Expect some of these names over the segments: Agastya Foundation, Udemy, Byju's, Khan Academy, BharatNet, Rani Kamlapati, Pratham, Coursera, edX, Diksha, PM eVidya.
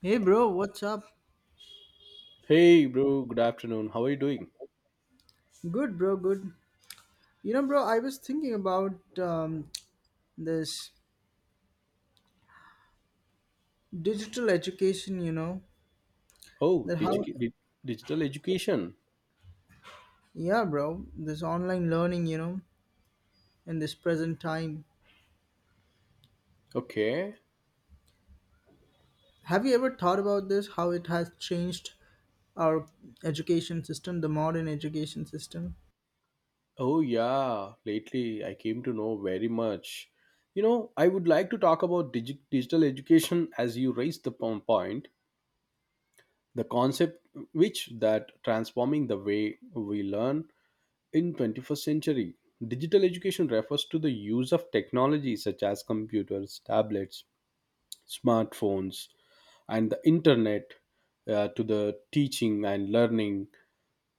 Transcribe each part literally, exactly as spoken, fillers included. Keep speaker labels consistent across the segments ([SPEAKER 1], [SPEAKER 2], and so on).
[SPEAKER 1] Hey bro, what's up?
[SPEAKER 2] Hey, bro. Good afternoon. How are you doing?
[SPEAKER 1] Good bro, good. You know bro, I was thinking about um, this digital education, you know,
[SPEAKER 2] Oh,
[SPEAKER 1] that how
[SPEAKER 2] digi- di- Digital education.
[SPEAKER 1] yeah bro, this online learning, you know, in this present time.
[SPEAKER 2] Okay.
[SPEAKER 1] Have you ever thought about this how it has changed our education system, the modern education system?
[SPEAKER 2] Oh, yeah. Lately, I came to know very much. You know, I would like to talk about digi- digital education as you raised the po- point, the concept which that transforming the way we learn in twenty-first century. Digital education refers to the use of technology such as computers, tablets, smartphones, and the internet uh, to the teaching and learning.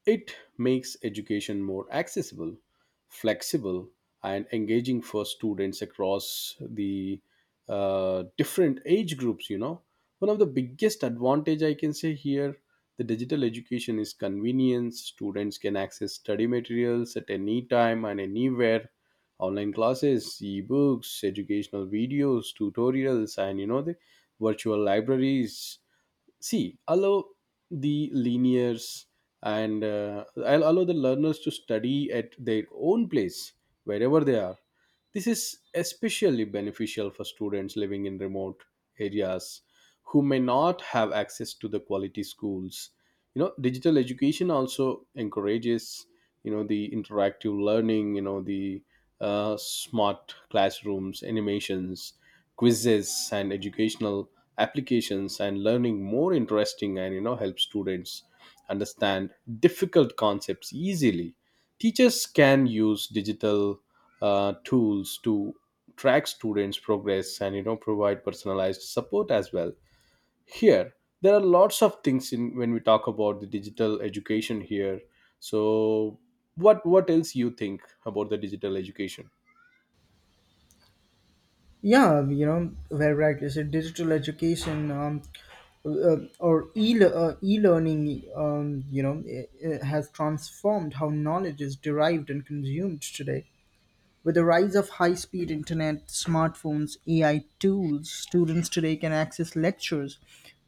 [SPEAKER 2] It makes education more accessible, flexible, and engaging for students across the uh, different age groups. You know, one of the biggest advantage I can say here, the digital education is convenience. Students can access study materials at any time and anywhere. Online classes, e-books, educational videos, tutorials, and you know, the virtual libraries see allow the linears and uh, I'll allow the learners to study at their own place wherever they are. This is especially beneficial for students living in remote areas who may not have access to the quality schools. You know, digital education also encourages, you know, the interactive learning. You know, the uh, smart classrooms, animations, quizzes, and educational applications and learning more interesting, and you know, help students understand difficult concepts easily. Teachers can use digital uh, tools to track students progress and, you know, provide personalized support as well here. There are lots of things in when we talk about the digital education here. So what what else you think about the digital education?
[SPEAKER 1] Yeah, you know, very right. Is it digital education um, uh, or e uh, e-learning? Um, you know, it, it has transformed how knowledge is derived and consumed today. With the rise of high-speed internet, smartphones, A I tools, students today can access lectures,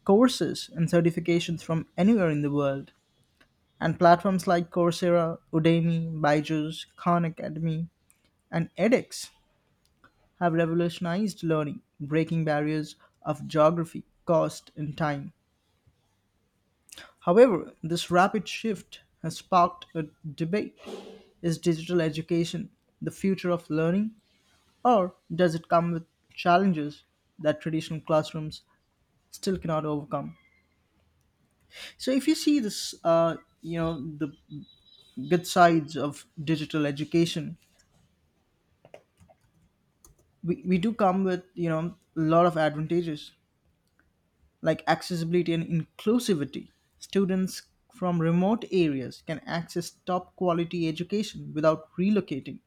[SPEAKER 1] courses, and certifications from anywhere in the world. And platforms like Coursera, Udemy, Byju's, Khan Academy, and edX have revolutionized learning, breaking barriers of geography, cost, and time. However, this rapid shift has sparked a debate. Is digital education the future of learning, or does it come with challenges that traditional classrooms still cannot overcome? So, if you see this, uh, you know, the good sides of digital education, we, we do come with, you know, a lot of advantages, like accessibility and inclusivity. Students from remote areas can access top quality education without relocating.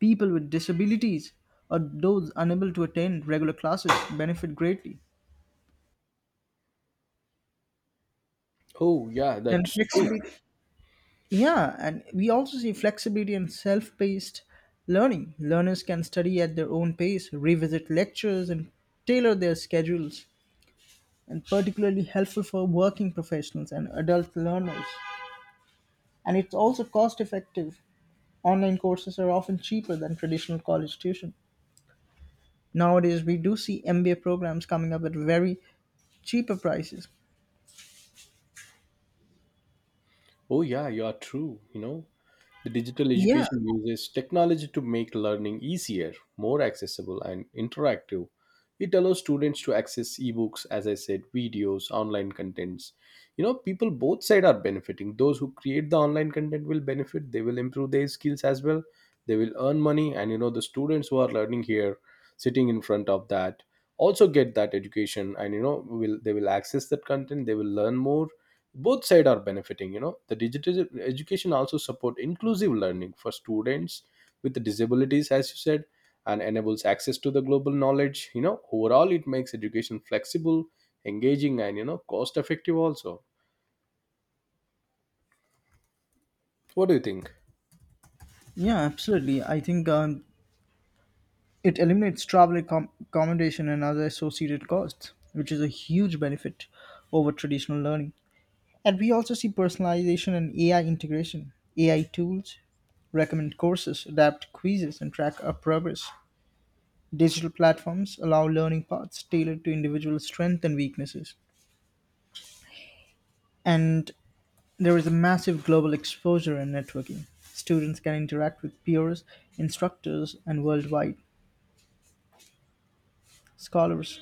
[SPEAKER 1] People with disabilities or those unable to attend regular classes benefit greatly.
[SPEAKER 2] Oh yeah,
[SPEAKER 1] And
[SPEAKER 2] that's true.
[SPEAKER 1] flexibility, yeah, and we also see flexibility and self paced learning. Learners can study at their own pace, revisit lectures, and tailor their schedules, and particularly helpful for working professionals and adult learners. And it's also cost effective. Online courses are often cheaper than traditional college tuition. Nowadays, we do see M B A programs coming up at very cheaper prices.
[SPEAKER 2] Oh yeah, you are true, you know. The digital
[SPEAKER 1] Yeah,
[SPEAKER 2] education uses technology to make learning easier, more accessible, and interactive. It allows students to access ebooks, as I said, videos, online contents. You know, people both side are benefiting. Those who create the online content will benefit. They will improve their skills as well. They will earn money, and you know, the students who are learning here, sitting in front of that, also get that education, and you know, will they will access that content. They will learn more. Both side are benefiting. You know, the digital education also support inclusive learning for students with disabilities, as you said, and enables access to the global knowledge. You know, overall it makes education flexible, engaging, and you know, cost effective also. What do you think?
[SPEAKER 1] yeah, absolutely. I think um, it eliminates travel accom- accommodation and other associated costs, which is a huge benefit over traditional learning. And we also see personalization and A I integration. A I tools recommend courses, adapt quizzes, and track our progress. Digital platforms allow learning paths tailored to individual strengths and weaknesses. And there is a massive global exposure in networking. Students can interact with peers, instructors, and worldwide scholars.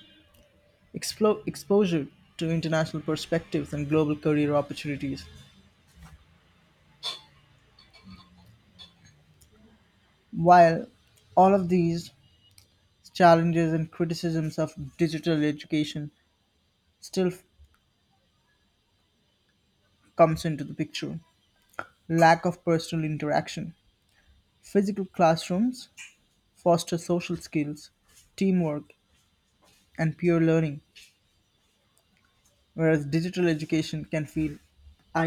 [SPEAKER 1] Explo- exposure to international perspectives and global career opportunities. While all of these challenges and criticisms of digital education still f- comes into the picture, lack of personal interaction. Physical classrooms foster social skills, teamwork, and peer learning. Whereas digital education can feel a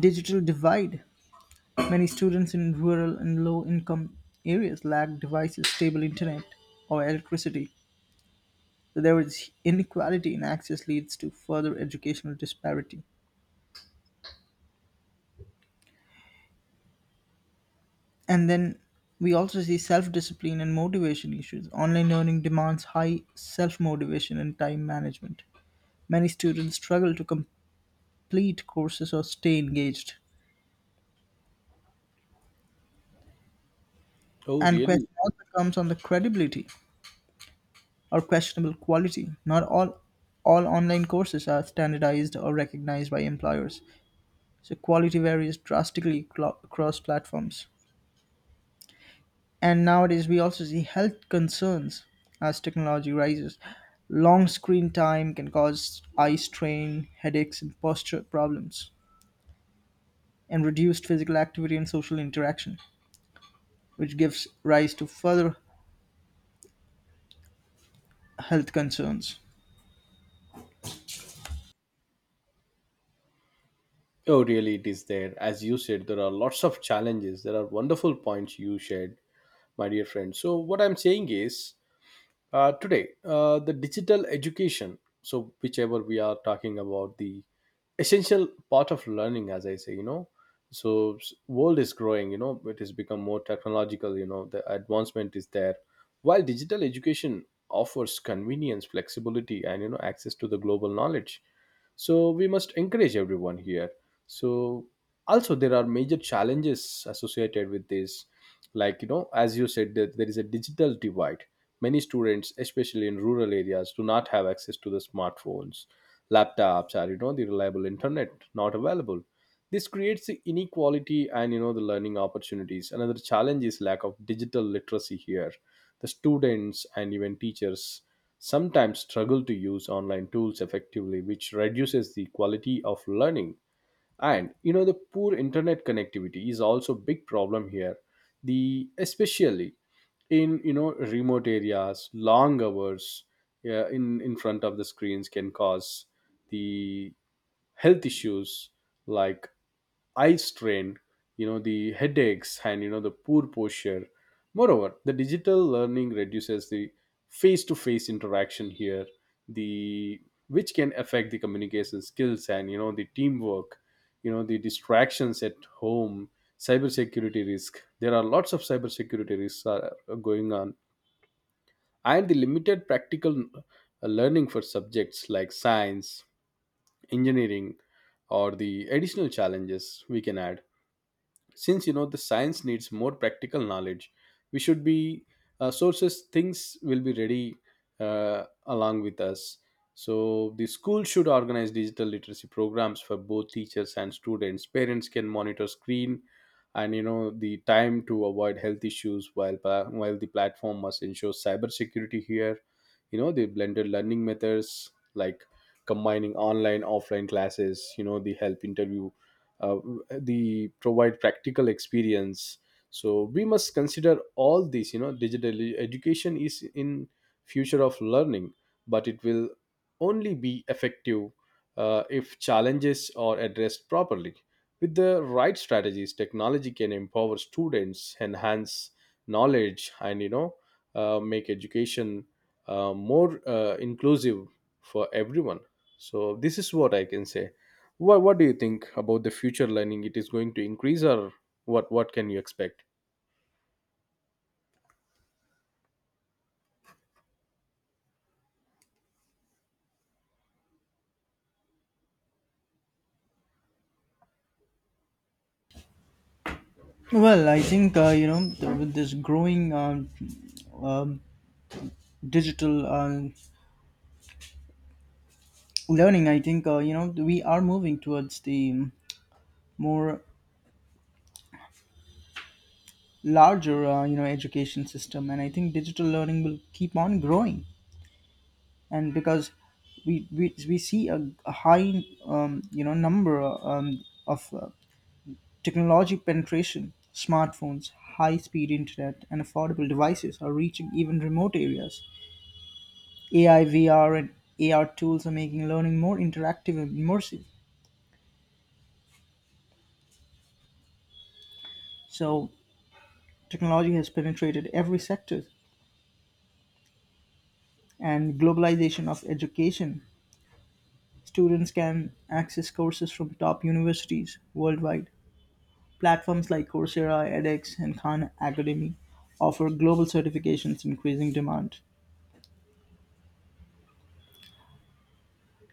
[SPEAKER 1] digital divide. Many students in rural and low income areas lack devices, stable internet, or electricity. So there is inequality in access leads to further educational disparity. And then we also see self discipline and motivation issues. Online learning demands high self motivation and time management. Many students struggle to complete courses or stay engaged.
[SPEAKER 2] Oh
[SPEAKER 1] And
[SPEAKER 2] really.
[SPEAKER 1] question also comes on the credibility, or questionable quality. Not all all online courses are standardized or recognized by employers, so quality varies drastically clo- across platforms. And nowadays, we also see health concerns as technology rises. Long screen time can cause eye strain, headaches, and posture problems, and reduced physical activity and social interaction, which gives rise to further health concerns.
[SPEAKER 2] Oh really, it is there. As you said, there are lots of challenges. There are wonderful points you shared, my dear friend. So what I'm saying is, uh, today uh, the digital education, so whichever we are talking about, the essential part of learning, as I say, you know. So s- world is growing, you know, it has become more technological, you know, the advancement is there. While digital education offers convenience, flexibility, and you know, access to the global knowledge, so we must encourage everyone here. So also there are major challenges associated with this, like, you know, as you said, that there is a digital divide. Many students, especially in rural areas, do not have access to the smartphones, laptops, or you know, the reliable internet not available. This creates the inequality and, you know, the learning opportunities. Another challenge is lack of digital literacy here. The students and even teachers sometimes struggle to use online tools effectively, which reduces the quality of learning. And you know, the poor internet connectivity is also a big problem here. The especially in, you know, remote areas, long hours, yeah, in in front of the screens can cause the health issues like eye strain, you know, the headaches, and you know, the poor posture. Moreover, the digital learning reduces the face-to-face interaction here, the which can affect the communication skills and you know, the teamwork, you know, the distractions at home, cybersecurity risk. There are lots of cybersecurity risks are going on, and the limited practical uh, learning for subjects like science, engineering, or the additional challenges we can add, since, you know, the science needs more practical knowledge. We should be uh, sources things will be ready uh, along with us. So the school should organize digital literacy programs for both teachers and students. Parents can monitor screen and, you know, the time to avoid health issues, while pa- while the platform must ensure cyber security here. You know, the blended learning methods like combining online offline classes, you know, the help interview, uh, the provide practical experience. So we must consider all these. You know, digitally education is in future of learning, but it will only be effective uh, if challenges are addressed properly. With the right strategies, technology can empower students, enhance knowledge, and you know, uh, make education uh, more uh, inclusive for everyone. So this is what I can say. What What do you think about the future learning? It is going to increase, or what? What can you expect?
[SPEAKER 1] Well, I think uh, you know th- with this growing um, um, digital uh, learning. I think uh, you know we are moving towards the um, more larger uh, you know education system, and i think digital learning will keep on growing. And because we we, we see a, a high um, you know number uh, um, of uh, technology penetration, smartphones, high speed internet, and affordable devices are reaching even remote areas. A I, V R, and A R tools are making learning more interactive and immersive. So technology has penetrated every sector, and globalization of education, students can access courses from top universities worldwide. Platforms like Coursera, edX, and Khan Academy offer global certifications, increasing demand.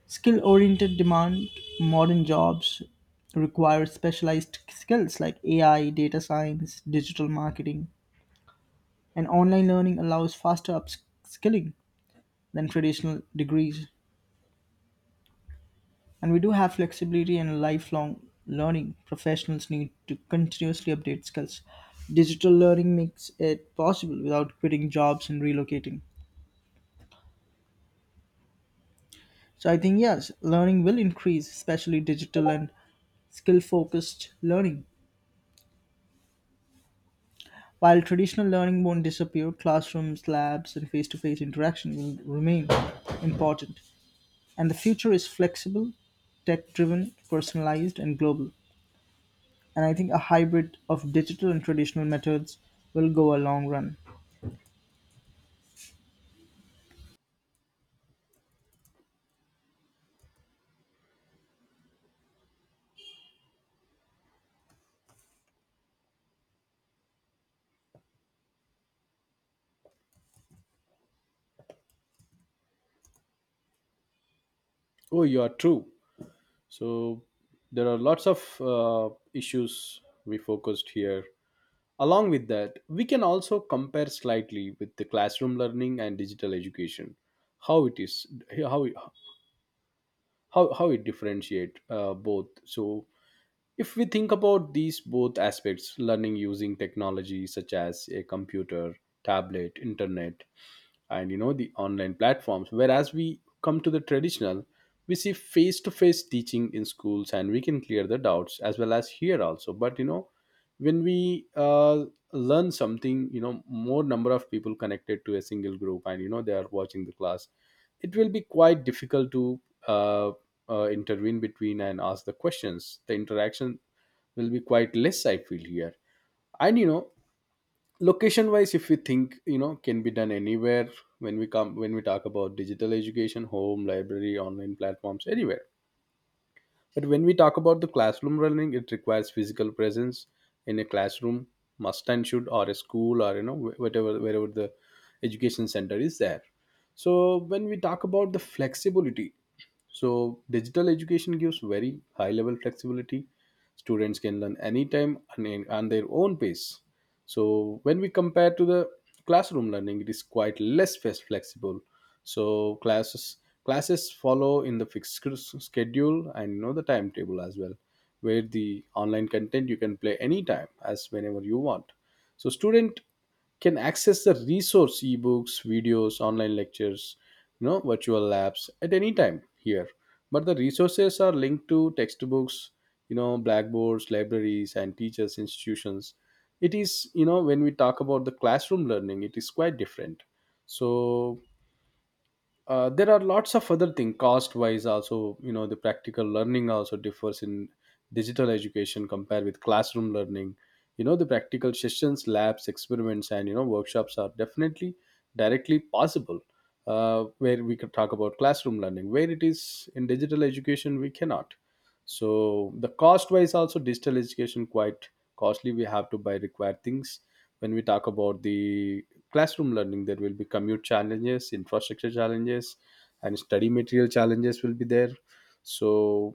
[SPEAKER 1] Skill oriented demand, modern jobs require specialized skills like A I, data science, digital marketing, and online learning allows faster upskilling than traditional degrees. And we do have flexibility and lifelong learning. Professionals need to continuously update skills. Digital learning makes it possible without quitting jobs and relocating. So I think, yes, learning will increase, especially digital and skill focused learning. While traditional learning won't disappear, classrooms, labs, and face to face interaction will remain important. And the future is flexible, tech driven, personalized, and global. And I think a hybrid of digital and traditional methods will go a long run.
[SPEAKER 2] Oh, you are true. So there are lots of uh, issues we focused here. Along with that, we can also compare slightly with the classroom learning and digital education, how it is, how how how it differentiate uh, both. So if we think about these both aspects, learning using technology such as a computer, tablet, internet, and you know, the online platforms, whereas we come to the traditional, we see face to face teaching in schools, and we can clear the doubts as well as here also. But you know, when we uh, learn something, you know, more number of people connected to a single group, and you know, they are watching the class, it will be quite difficult to uh, uh, intervene between and ask the questions. The interaction will be quite less, I feel here. And you know, location wise, if we think, you know, can be done anywhere. When we come, when we talk about digital education, home, library, online platforms, anywhere. But when we talk about the classroom learning, it requires physical presence in a classroom, must and should, or a school, or you know, wh- whatever, wherever the education center is there. So when we talk about the flexibility, so digital education gives very high level flexibility. Students can learn anytime and in- on their own pace. So when we compare to the classroom learning, it is quite less flex- flexible. So classes classes follow in the fixed scr- schedule and you know, the timetable as well, where the online content you can play anytime as whenever you want. So student can access the resource, ebooks, videos, online lectures, you know, virtual labs at any time here. But the resources are linked to textbooks, you know, blackboards, libraries, and teachers institutions. It is, you know, when we talk about the classroom learning, it is quite different. So uh, there are lots of other things. Cost wise also, you know, the practical learning also differs in digital education compared with classroom learning. You know, the practical sessions, labs, experiments, and you know, workshops are definitely directly possible, uh, where we could talk about classroom learning, where it is in digital education we cannot. So the cost wise also, digital education quite costly. We have to buy required things. When we talk about the classroom learning, there will be commute challenges, infrastructure challenges, and study material challenges will be there. So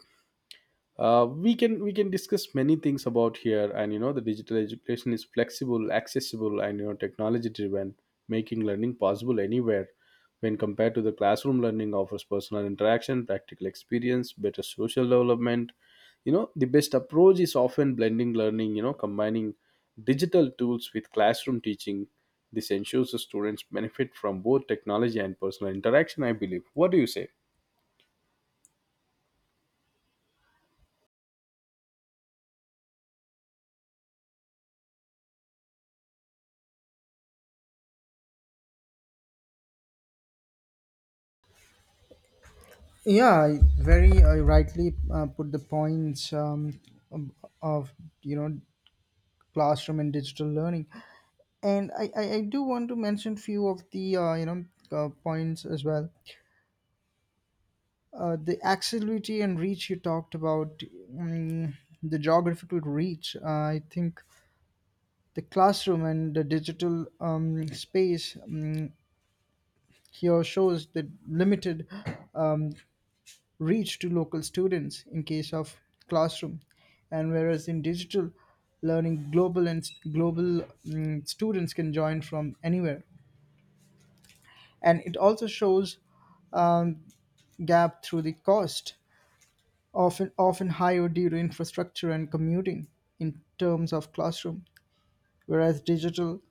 [SPEAKER 2] uh, we can we can discuss many things about here. And you know, the digital education is flexible, accessible, and you know, technology driven, making learning possible anywhere. When compared to the classroom learning offers personal interaction, practical experience, better social development. You know, the best approach is often blending learning, you know, combining digital tools with classroom teaching. This ensures the students benefit from both technology and personal interaction, I believe. What do you say?
[SPEAKER 1] Yeah, very uh, rightly uh, put the points um, of of, you know classroom and digital learning, and I, I, I do want to mention few of the uh, you know uh, points as well. Uh, the accessibility and reach you talked about, mm the geographical reach. Uh, I think the classroom and the digital um, space. Mm here shows the limited um, reach to local students in case of classroom, and whereas in digital learning, global and global mm, students can join from anywhere. And it also shows um, gap through the cost, often often higher due to infrastructure and commuting in terms of classroom, whereas digital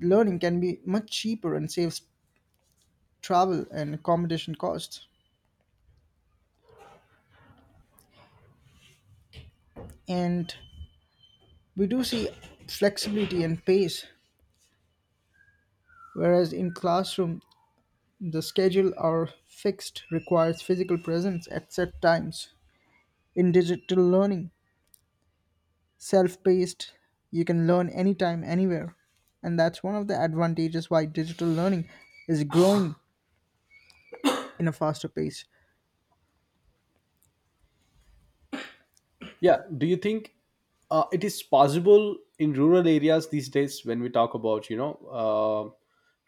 [SPEAKER 1] learning can be much cheaper and saves travel and accommodation costs. And We do see flexibility and pace, whereas in classroom, the schedule are fixed, requires physical presence at set times. In digital learning, self-paced, you can learn anytime, anywhere. And that's one of the advantages why digital learning is growing in a faster pace.
[SPEAKER 2] Yeah. Do you think uh, it is possible in rural areas these days when we talk about, you know, uh,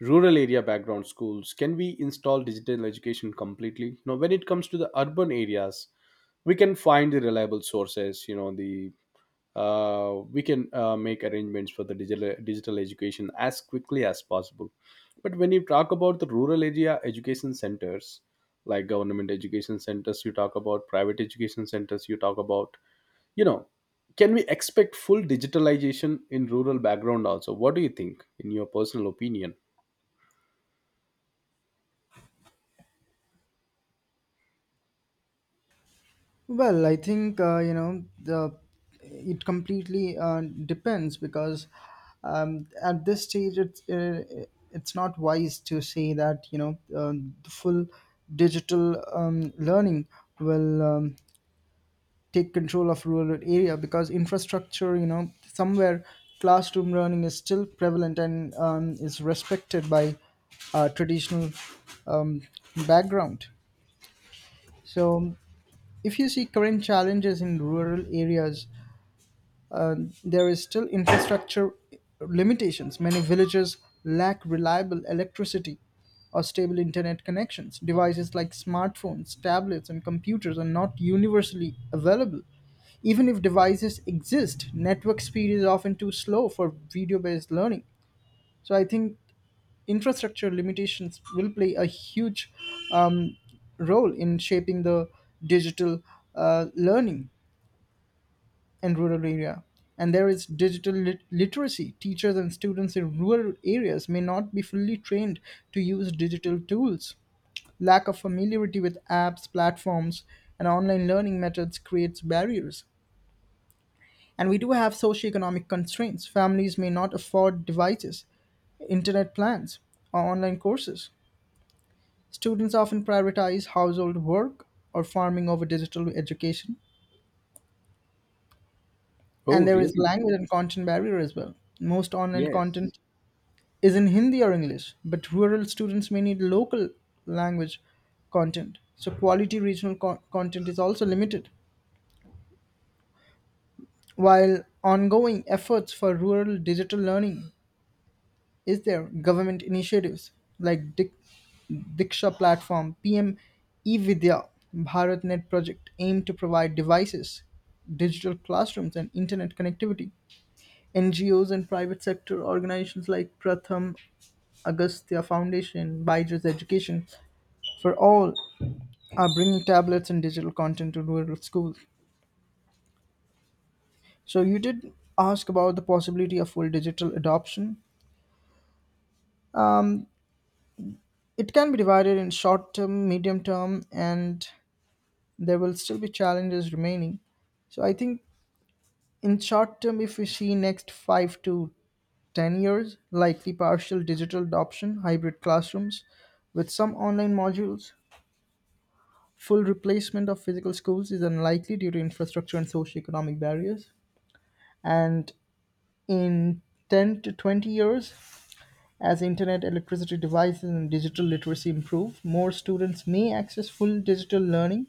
[SPEAKER 2] rural area background schools? Can we install digital education completely? Now, when it comes to the urban areas, we can find the reliable sources, you know, the uh, we can uh, make arrangements for the digital digital education as quickly as possible. But when you talk about the rural area education centers, like government education centers, you talk about private education centers, you talk about, you know, can we expect full digitalization in rural background also? What do you think in your personal opinion?
[SPEAKER 1] Well, I think uh, you know the it completely uh, depends, because um, at this stage it's uh, it's not wise to say that you know um the full digital um, learning will um, take control of rural area, because infrastructure, you know somewhere classroom learning is still prevalent and um, is respected by uh, traditional um, background. So if you see current challenges in rural areas, uh, there is still infrastructure limitations. Many villages lack reliable electricity or stable internet connections. Devices like smartphones, tablets, and computers are not universally available. Even if devices exist, network speed is often too slow for video based learning. So I think infrastructure limitations will play a huge um, role in shaping the digital uh, learning and rural area. And there is digital lit- literacy. Teachers and students in rural areas may not be fully trained to use digital tools. Lack of familiarity with apps, platforms, and online learning methods creates barriers. And we do have socioeconomic constraints. Families may not afford devices, internet plans, or online courses. Students often prioritize household work or farming over digital education. And
[SPEAKER 2] Oh,
[SPEAKER 1] there is
[SPEAKER 2] really?
[SPEAKER 1] language and content barrier as well. Most online
[SPEAKER 2] Yes.
[SPEAKER 1] content is in Hindi or English, but rural students may need local language content. So, quality regional co- content is also limited. While ongoing efforts for rural digital learning is there, government initiatives like Dik- Diksha platform, P M eVidya, BharatNet project aim to provide devices, digital classrooms, and internet connectivity. N G Os and private sector organizations like Pratham Agastya Foundation, Byju's Education, for all are bringing tablets and digital content to rural schools. So you did ask about the possibility of full digital adoption. Um, it can be divided in short term, medium term, and there will still be challenges remaining. So I think in short term, if we see next five to ten years, likely partial digital adoption, hybrid classrooms with some online modules. Full replacement of physical schools is unlikely due to infrastructure and socioeconomic barriers. And in ten to twenty years, as internet, electricity, devices, and digital literacy improve, more students may access full digital learning.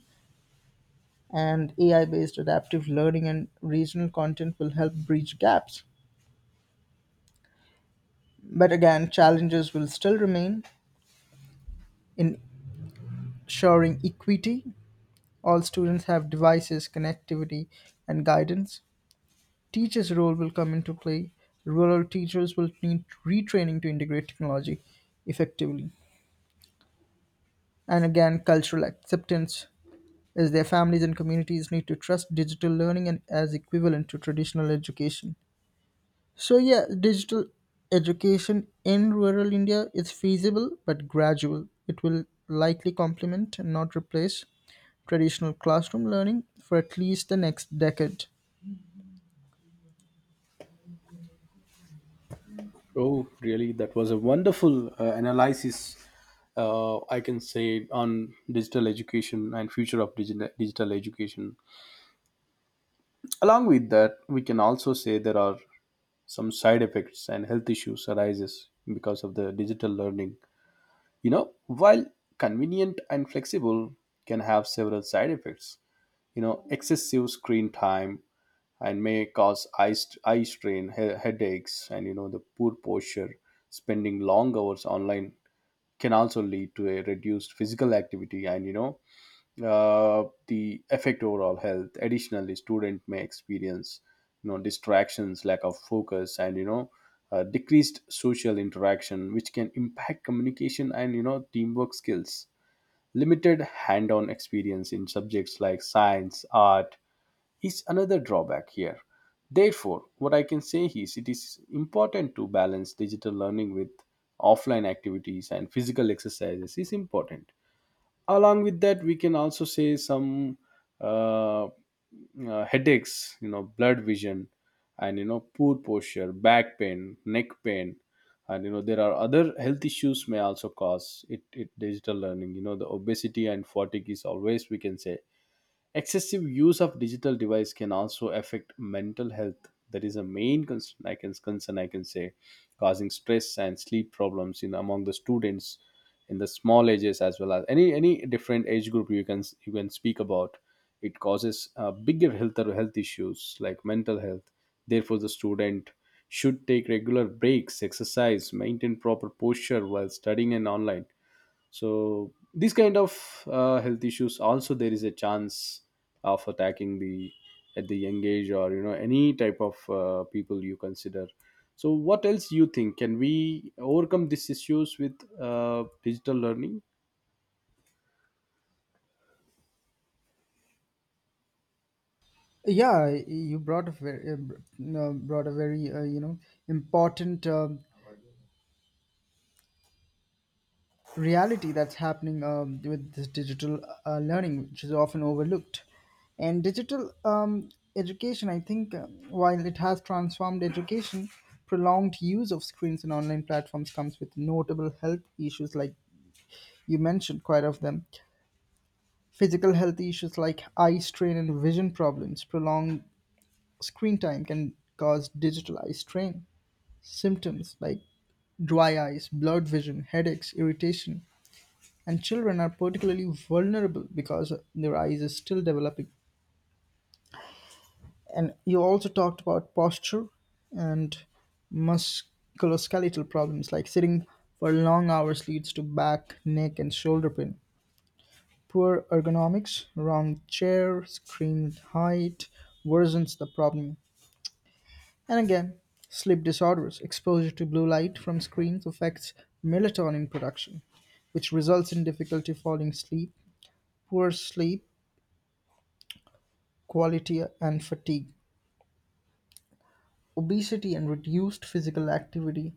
[SPEAKER 1] And A I based adaptive learning and regional content will help bridge gaps. But again, challenges will still remain in ensuring equity. All students have devices, connectivity, and guidance. Teachers role will come into play. Rural teachers will need retraining to integrate technology effectively. And again, cultural acceptance as their families and communities need to trust digital learning and as equivalent to traditional education. So yeah, digital education in rural India is feasible but gradual. It will likely complement and not replace traditional classroom learning for at least the next decade.
[SPEAKER 2] Oh, really? That was a wonderful uh, analysis. Uh, I can say on digital education and future of digital digital education. Along with that, we can also say there are some side effects and health issues arises because of the digital learning. You know, while convenient and flexible can have several side effects. You know, excessive screen time and may cause eye, st- eye strain, he- headaches, and you know, the poor posture, spending long hours online can also lead to a reduced physical activity and you know, uh, the affect overall health. Additionally, student may experience, you know, distractions, lack of focus, and you know, uh, decreased social interaction, which can impact communication and you know, teamwork skills. Limited hand-on experience in subjects like science, art is another drawback here. Therefore, what I can say is it is important to balance digital learning with offline activities, and physical exercises is important. Along with that, we can also say some uh, uh, headaches, you know, blurred vision, and you know, poor posture, back pain, neck pain, and you know, there are other health issues may also cause it, it digital learning. You know, the obesity and fatigue is always, we can say. Excessive use of digital device can also affect mental health. That is a main concern I can concern I can say, causing stress and sleep problems in among the students in the small ages, as well as any any different age group you can you can speak about. It causes uh, bigger health or health issues like mental health. Therefore, the student should take regular breaks, exercise, maintain proper posture while studying and online. So these kind of uh, health issues also there is a chance of attacking the at the young age, or you know, any type of uh, people you consider. So what else you think, can we overcome these issues with uh, digital learning?
[SPEAKER 1] Yeah, you brought a very uh, br- uh, brought a very uh, you know important uh, reality that's happening um, with this digital uh, learning, which is often overlooked. And digital um, education, I think, um, while it has transformed education, prolonged use of screens and online platforms comes with notable health issues, like you mentioned quite of them. Physical health issues like eye strain and vision problems, prolonged screen time can cause digital eye strain symptoms like dry eyes, blurred vision, headaches, irritation, and children are particularly vulnerable because their eyes are still developing. And you also talked about posture and musculoskeletal problems like sitting for long hours leads to back, neck, and shoulder pain. Poor ergonomics, wrong chair, screen height worsens the problem. And again, sleep disorders, exposure to blue light from screens affects melatonin production, which results in difficulty falling asleep, poor sleep quality, and fatigue. Obesity and reduced physical activity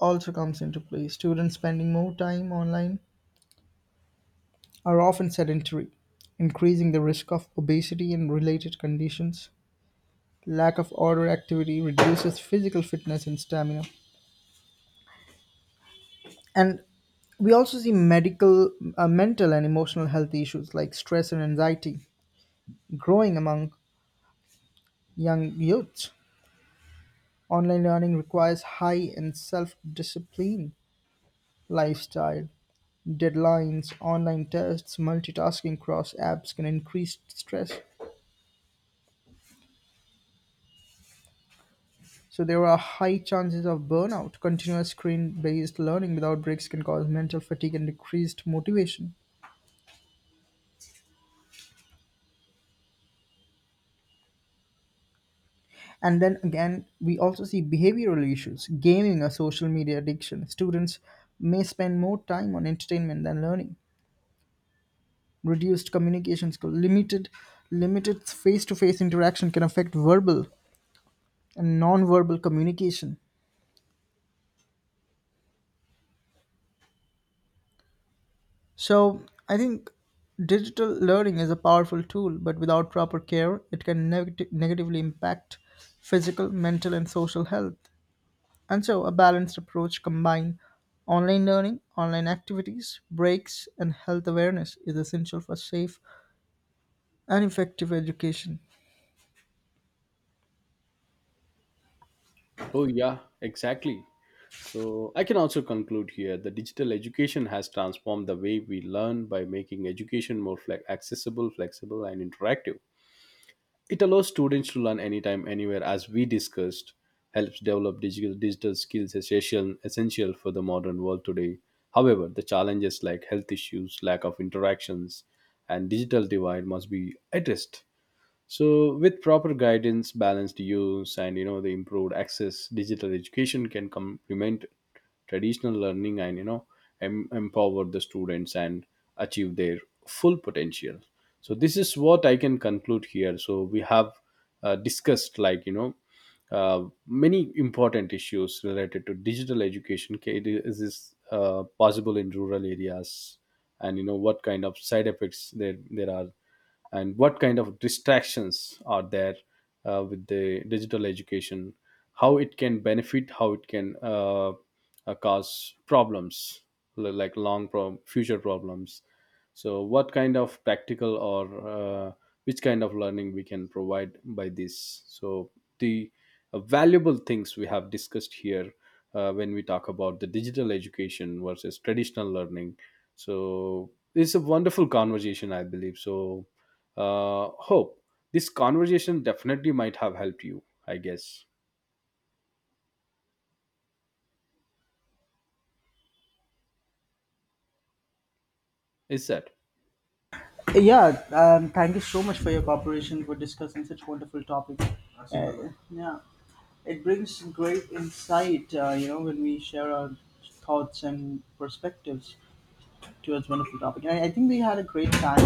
[SPEAKER 1] also comes into play. Students spending more time online are often sedentary, increasing the risk of obesity and related conditions. Lack of outdoor activity reduces physical fitness and stamina. And we also see medical, uh, mental, and emotional health issues like stress and anxiety growing among young youths. Online learning requires high and self discipline lifestyle, deadlines, online tests, multitasking across apps can increase stress. So there are high chances of burnout. Continuous screen-based learning without breaks can cause mental fatigue and decreased motivation. And then again, we also see behavioral issues, gaming or social media addiction. Students may spend more time on entertainment than learning. Reduced communication skill, limited limited face-to-face interaction can affect verbal and non-verbal communication. So I think digital learning is a powerful tool, but without proper care, it can negati- negatively impact physical, mental, and social health. And so a balanced approach combine online learning, online activities, breaks, and health awareness is essential for safe and effective education.
[SPEAKER 2] Oh yeah, exactly. So I can also conclude here, the digital education has transformed the way we learn by making education more fle- accessible, flexible, and interactive. It allows students to learn anytime, anywhere, as we discussed, helps develop digital, digital skills essential, essential for the modern world today. However, the challenges like health issues, lack of interactions, and digital divide must be addressed. So with proper guidance, balanced use, and you know, the improved access, digital education can complement traditional learning, and you know, em- empower the students and achieve their full potential. So this is what I can conclude here. So we have uh, discussed, like you know, uh, many important issues related to digital education. K- is this uh, possible in rural areas, and you know, what kind of side effects there there are, and what kind of distractions are there uh, with the digital education, how it can benefit, how it can uh, uh, cause problems, li- like long pro- future problems. So what kind of practical, or uh, which kind of learning we can provide by this. So the uh, valuable things we have discussed here, uh, when we talk about the digital education versus traditional learning. So it's a wonderful conversation, I believe. So uh, hope this conversation definitely might have helped you, I guess. Is that?
[SPEAKER 1] Yeah, um, thank you so much for your cooperation for discussing such wonderful topic. Uh, yeah. It brings great insight, uh, you know, when we share our thoughts and perspectives towards wonderful topic. And I, I think we had a great time,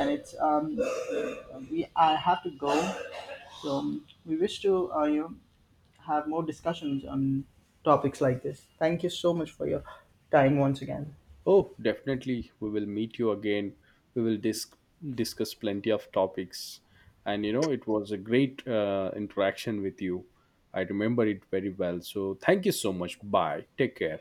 [SPEAKER 1] and it's um, we I have to go, so um, we wish to uh, you know have more discussions on topics like this. Thank you so much for your time once again.
[SPEAKER 2] Oh, definitely, we will meet you again. We will dis- discuss plenty of topics, and you know, it was a great uh, interaction with you. I remember it very well. So thank you so much. Bye, take care.